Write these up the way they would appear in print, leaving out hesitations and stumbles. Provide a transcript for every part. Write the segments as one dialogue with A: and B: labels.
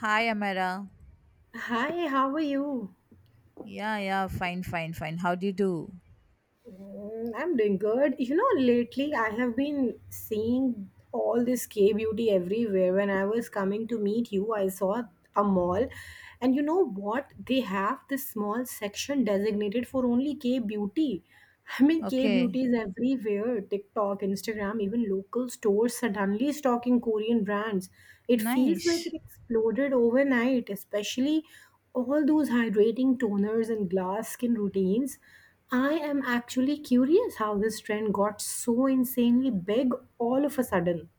A: Hi, Amara.
B: Hi, how are you?
A: Yeah, yeah, fine, fine, fine. How do you do?
B: Mm, I'm doing good. You know, lately I have been seeing all this K beauty everywhere. When I was coming to meet you, I saw a mall, and you know what? They have this small section designated for only K beauty. I mean, K
A: Okay,
B: beauty is everywhere TikTok, Instagram, even local stores suddenly stocking Korean brands. It feels like
A: nice.
B: it exploded overnight, especially all those hydrating toners and glass skin routines. I am actually curious how this trend got so insanely big all of a sudden.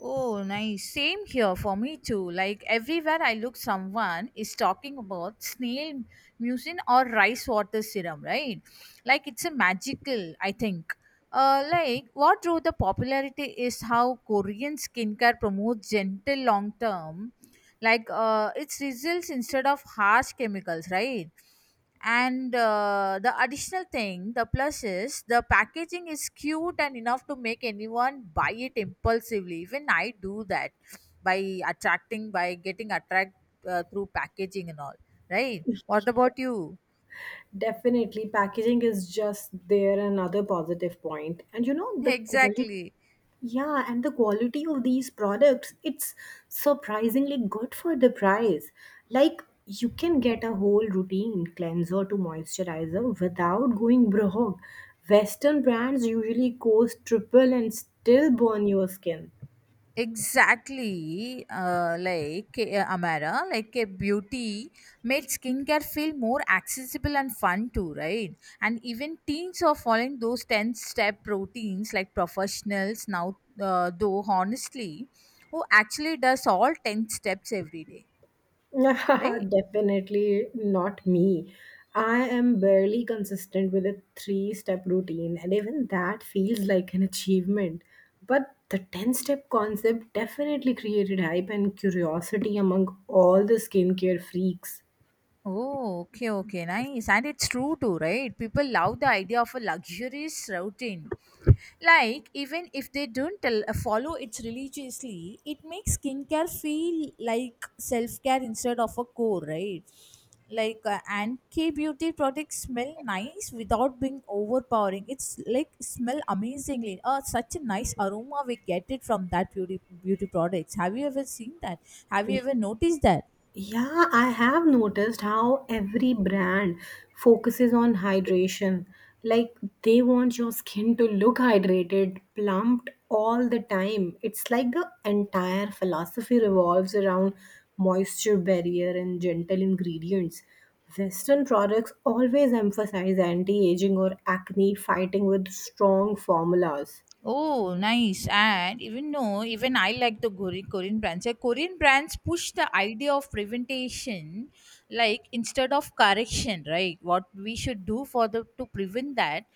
A: Oh, nice. Same here for me too. Like everywhere I look, someone is talking about snail mucin or rice water serum, right? Like it's a magical, I think. Like what drove the popularity is how Korean skincare promotes gentle long term, like its results instead of harsh chemicals, right? And the additional thing, the plus is the packaging is cute and enough to make anyone buy it impulsively. Even I do that by attracting, by getting attract through packaging and all. Right? What about you?
B: Definitely, packaging is just there another positive point. And you know, the quality.
A: Exactly.
B: Yeah, and the quality of these products, it's surprisingly good for the price. Like you can get a whole routine cleanser to moisturizer without going broke. Western brands usually cost triple and still burn your skin.
A: Exactly, like Amara, like a beauty made skincare feel more accessible and fun too, right? And even teens are following those 10 step routines like professionals now, though, honestly, who actually does all 10 steps every day, right?
B: Definitely not me. I am barely consistent with a three step routine, and even that feels like an achievement. But the 10 step concept definitely created hype and curiosity among all the skincare freaks.
A: Oh, okay, okay, nice. And it's true too, right? People love the idea of a luxurious routine. Like, even if they don't tell, follow it religiously, it makes skincare feel like self care instead of a core, right? Like, and K beauty products smell nice without being overpowering. It's like smell amazingly. Such a nice aroma we get it from that beauty products. Have you ever seen that? Have you ever noticed that?
B: Yeah, I have noticed how every brand focuses on hydration. Like they want your skin to look hydrated, plumped all the time. It's like the entire philosophy revolves around moisture barrier and gentle ingredients. Western products always emphasize anti aging or acne fighting with strong formulas.
A: Oh, nice. And even no, even I like the Korean brands. Like Korean brands push the idea of preventation, like instead of correction, right? What we should do for the to prevent that.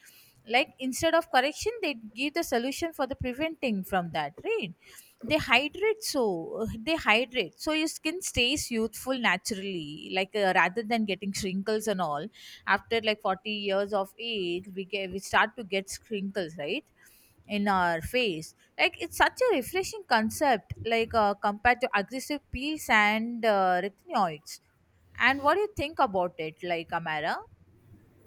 A: Like instead of correction, they give the solution for the preventing from that, right? They hydrate so your skin stays youthful naturally, like rather than getting wrinkles and all after like 40 years of age we start to get wrinkles, right? In our face, like it's such a refreshing concept, like compared to aggressive peels and retinoids. And what do you think about it, like, Amara?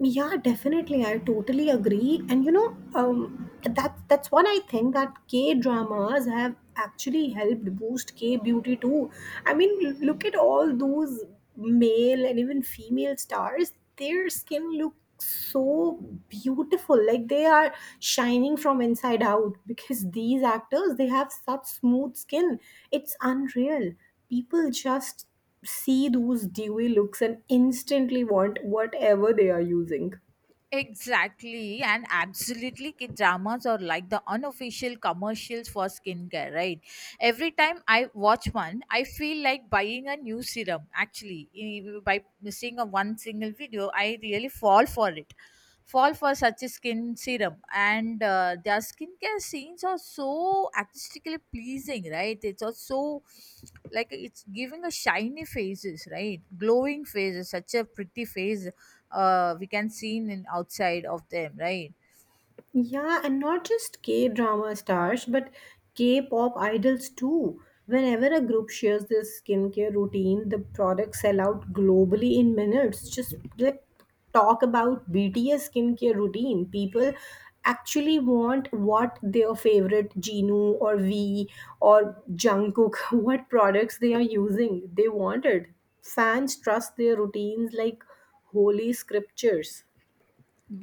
B: Yeah, definitely. I totally agree. And you know, that's one I think that K dramas have actually helped boost K beauty too. I mean, look at all those male and even female stars. Their skin looks so beautiful, like they are shining from inside out. Because these actors, they have such smooth skin. It's unreal. People just see those dewy looks and instantly want whatever they are using.
A: Exactly, and absolutely, kid dramas are like the unofficial commercials for skincare, right? Every time I watch one, I feel like buying a new serum. Actually, by missing a one single video, I really fall for it, fall for such a skin serum. And their skincare scenes are so artistically pleasing, right? It's also so, like it's giving a shiny faces, right? Glowing faces, such a pretty face we can see in outside of them, right?
B: Yeah, and not just K drama stars, but K pop idols too. Whenever a group shares their skincare routine, the products sell out globally in minutes. Just like talk about BTS skincare routine. People actually want what their favorite Jinu or V or Jungkook, what products they are using. They want it. Fans trust their routines like holy scriptures.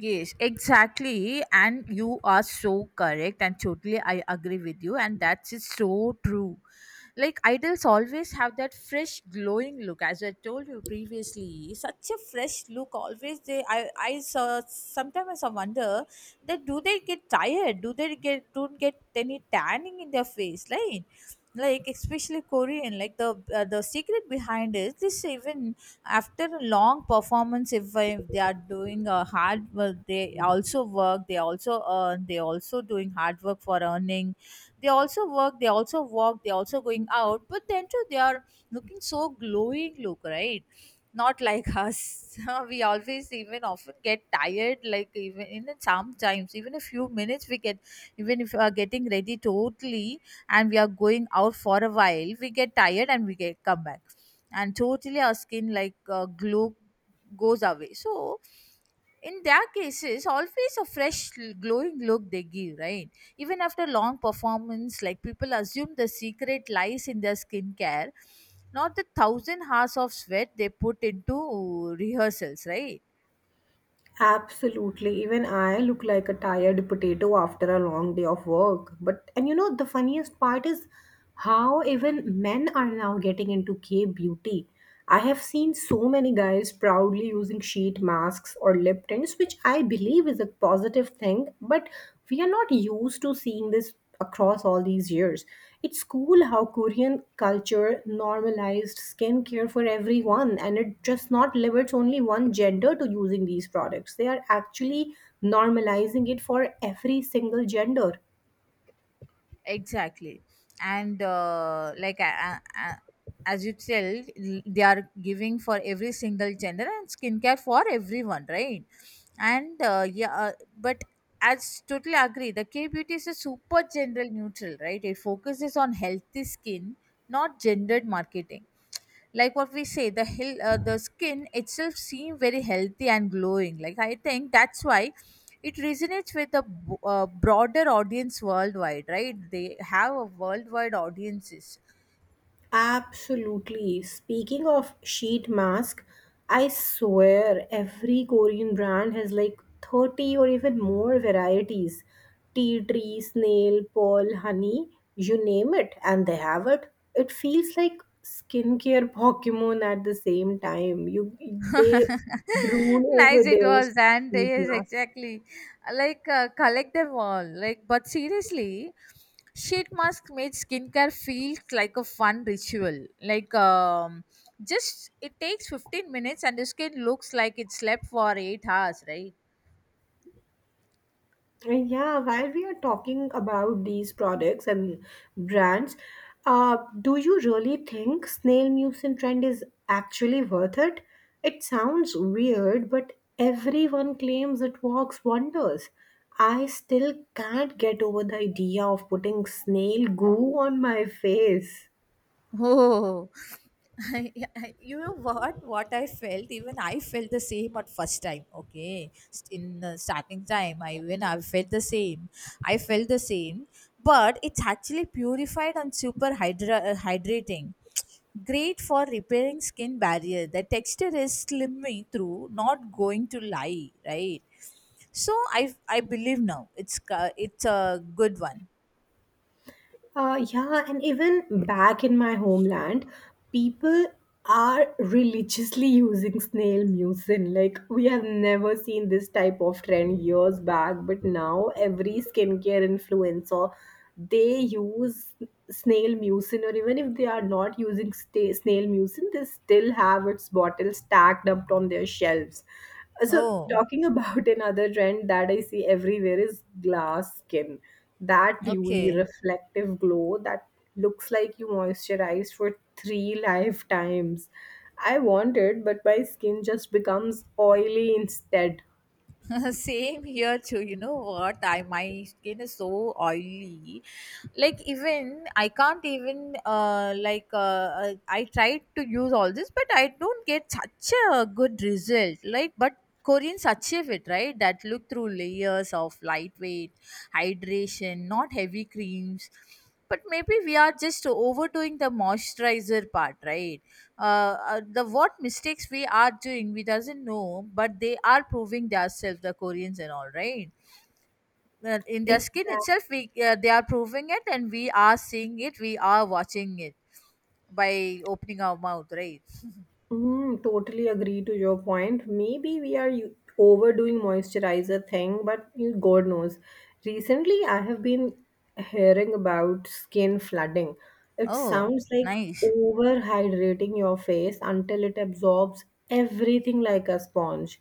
A: Yes, exactly, and you are so correct, and totally I agree with you, and that is so true. Like idols always have that fresh glowing look, as I told you previously, such a fresh look always, they, I saw, sometimes I wonder that, do they get tired, do they get don't get any tanning in their face, right? Like especially Korean, like the secret behind is this, even after a long performance, if they are doing a hard work, they also work, they also earn, they also doing hard work for earning, they also work, they also walk, they also going out, but then too they are looking so glowing look, right? Not like us. We always even often get tired, like even in sometimes even a few minutes we get, even if we are getting ready totally and we are going out for a while we get tired and we get come back, and totally our skin, like glow goes away, so in their cases always a fresh glowing look they give, right? Even after long performance, like people assume the secret lies in their skincare, not the 1,000 hours of sweat they put into rehearsals, right?
B: Absolutely. Even I look like a tired potato after a long day of work. But, and you know, the funniest part is how even men are now getting into K beauty. I have seen so many guys proudly using sheet masks or lip tints, which I believe is a positive thing, but we are not used to seeing this across all these years. It's cool how Korean culture normalized skincare for everyone and it just not limits only one gender to using these products. They are actually normalizing it for every single gender.
A: Exactly. And like as you tell, they are giving for every single gender, and skincare for everyone, right? And but as totally agree, the K beauty is a super general neutral, right? It focuses on healthy skin, not gendered marketing. Like what we say, the hill, the skin itself seem very healthy and glowing, like I think that's why it resonates with a broader audience worldwide, right? They have a worldwide audiences.
B: Absolutely. Speaking of sheet mask, I swear every Korean brand has like 30 or even more varieties. Tea tree, snail, pearl, honey, you name it, and they have it. It feels like skincare Pokemon at the same time. You they drool over
A: Nice, it
B: their
A: was. And
B: sheet
A: yes,
B: mask.
A: exactly, like collect them all, like but seriously, sheet mask made skincare feel like a fun ritual, like just it takes 15 minutes and the skin looks like it slept for 8 hours, right?
B: Yeah, while we are talking about these products and brands, do you really think snail mucin trend is actually worth it? It sounds weird, but everyone claims it works wonders. I still can't get over the idea of putting snail goo on my face.
A: Oh, you know what? What I felt, even I felt the same at first time. Okay, in the starting time, I felt the same. I felt the same, but it's actually purified and super hydrating. Great for repairing skin barrier. The texture is slimming through, not going to lie, right? So I believe now it's a good one.
B: Yeah, and even back in my homeland, people are religiously using snail mucin. Like, we have never seen this type of trend years back, but now every skincare influencer they use snail mucin, or even if they are not using sta snail mucin, they still have its bottle stacked up on their shelves. So,
A: Oh,
B: talking about another trend that I see everywhere is glass skin. That dewy,
A: okay.
B: reflective glow that looks like you moisturized for three lifetimes. I want it, but my skin just becomes oily instead.
A: Same here too. You know what? I my skin is so oily. Like even I can't even I tried to use all this, but I don't get such a good result. Like but Koreans achieve it, right, that look through layers of lightweight hydration, not heavy creams. But maybe we are just overdoing the moisturizer part, right? The what mistakes we are doing we doesn't know, but they are proving themselves, the Koreans and all, right? In their skin
B: Exactly.
A: itself, we they are proving it and we are seeing it, we are watching it by opening our mouth, right?
B: Mm, totally agree to your point. Maybe we are overdoing moisturizer thing, but you God knows. Recently, I have been hearing about skin flooding. It
A: Oh
B: sounds like
A: nice.
B: overhydrating your face until it absorbs everything like a sponge.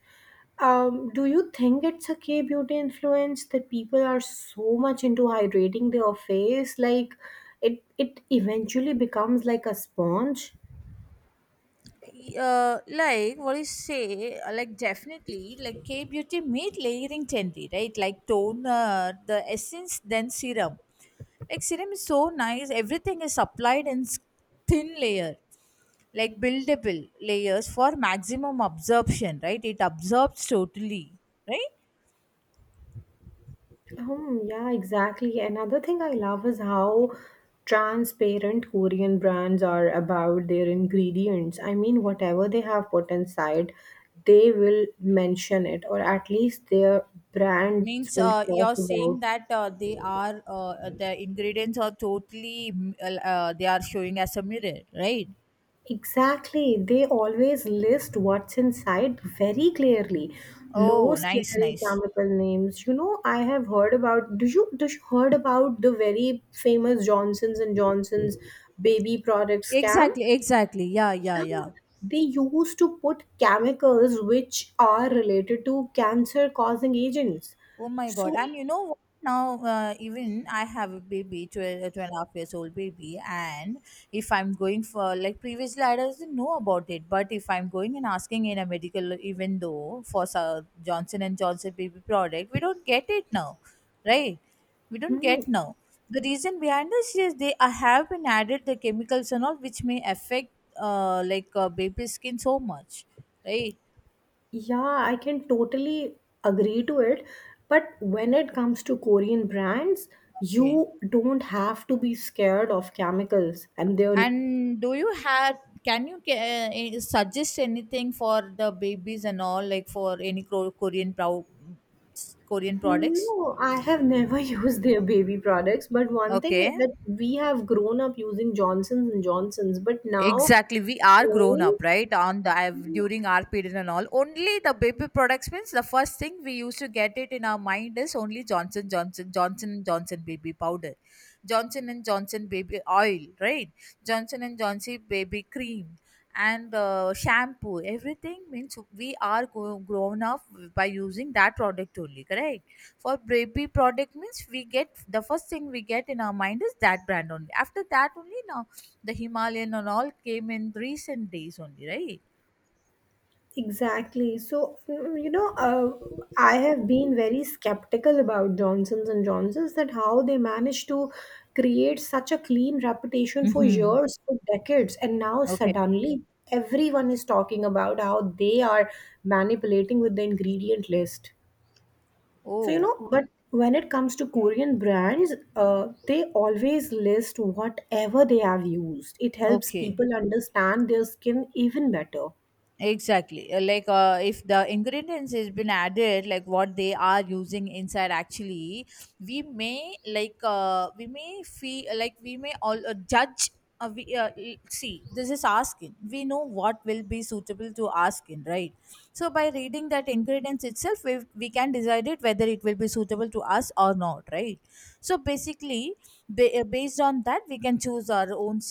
B: Do you think it's a K beauty influence that people are so much into hydrating their face, like it eventually becomes like a sponge?
A: Like what do you say, like definitely, like K beauty made layering trendy, right? Like toner, the essence, then serum, like serum is so nice, everything is applied in thin layer, like buildable layers for maximum absorption, right? It absorbs totally, right?
B: Yeah, exactly. Another thing I love is how transparent Korean brands are about their ingredients. I mean, whatever they have put inside, they will mention it, or at least their brands
A: Means,
B: will talk
A: you're saying
B: about.
A: that, they are, the ingredients are totally, they are showing as a mirror, right?
B: Exactly. They always list what's inside very clearly. No
A: Oh nice,
B: scary
A: nice.
B: chemical names. You know, I have heard about do you heard about the very famous Johnson's and Johnson's baby product scam?
A: Exactly, exactly. Yeah, yeah,
B: Yeah.
A: yeah.
B: They used to put chemicals which are related to cancer causing agents.
A: Oh my God.
B: So,
A: And you know what? Now, even I have a baby, 12, 12 and a half years old baby. And if I'm going for, like previously, I doesn't know about it. But if I'm going and asking in a medical, even though for Sir Johnson and Johnson baby product, we don't get it now, right? We don't
B: hmm,
A: get now. The reason behind this is they have been added the chemicals and all, which may affect baby's skin so much, right?
B: yeah, I can totally agree to it. But when it comes to Korean brands,
A: Okay.
B: you don't have to be scared of chemicals and their—
A: And do you have, can you suggest anything for the babies and all, like for any Korean, Korean products?
B: No, I have never used their baby products, but one thing
A: Okay.
B: is that we have grown up using Johnson's and Johnson's, but now
A: Exactly, we are grown
B: knowing,
A: up, right? On the
B: yeah,
A: during our period and all, only the baby products means the first thing we used to get it in our mind is only Johnson and Johnson baby powder, Johnson and Johnson baby oil, right? Johnson and Johnson baby cream and shampoo. Everything means grown up by using that product only, correct? For baby product means we get, the first thing we get in our mind is that brand only. After that only now the Himalayan and all came in recent days only, right?
B: exactly. So, mm, you know, I have been very skeptical about Johnson's and Johnson's that how they managed to create such a clean reputation for
A: Mm-hmm.
B: years, for decades, and now
A: Okay.
B: suddenly everyone is talking about how they are manipulating with the ingredient list. So, you
A: Oh,
B: know, but when it comes to Korean brands, they always list whatever they have used. It helps
A: okay.
B: people understand their skin even better.
A: Exactly. Like if the ingredients has been added, like what they are using inside, actually we may, like we may feel like, we may all judge, see, this is our skin, we know what will be suitable to our skin, right? So by reading that ingredients itself, we can decide it whether it will be suitable to us or not, right? So basically, based on that we can choose our own.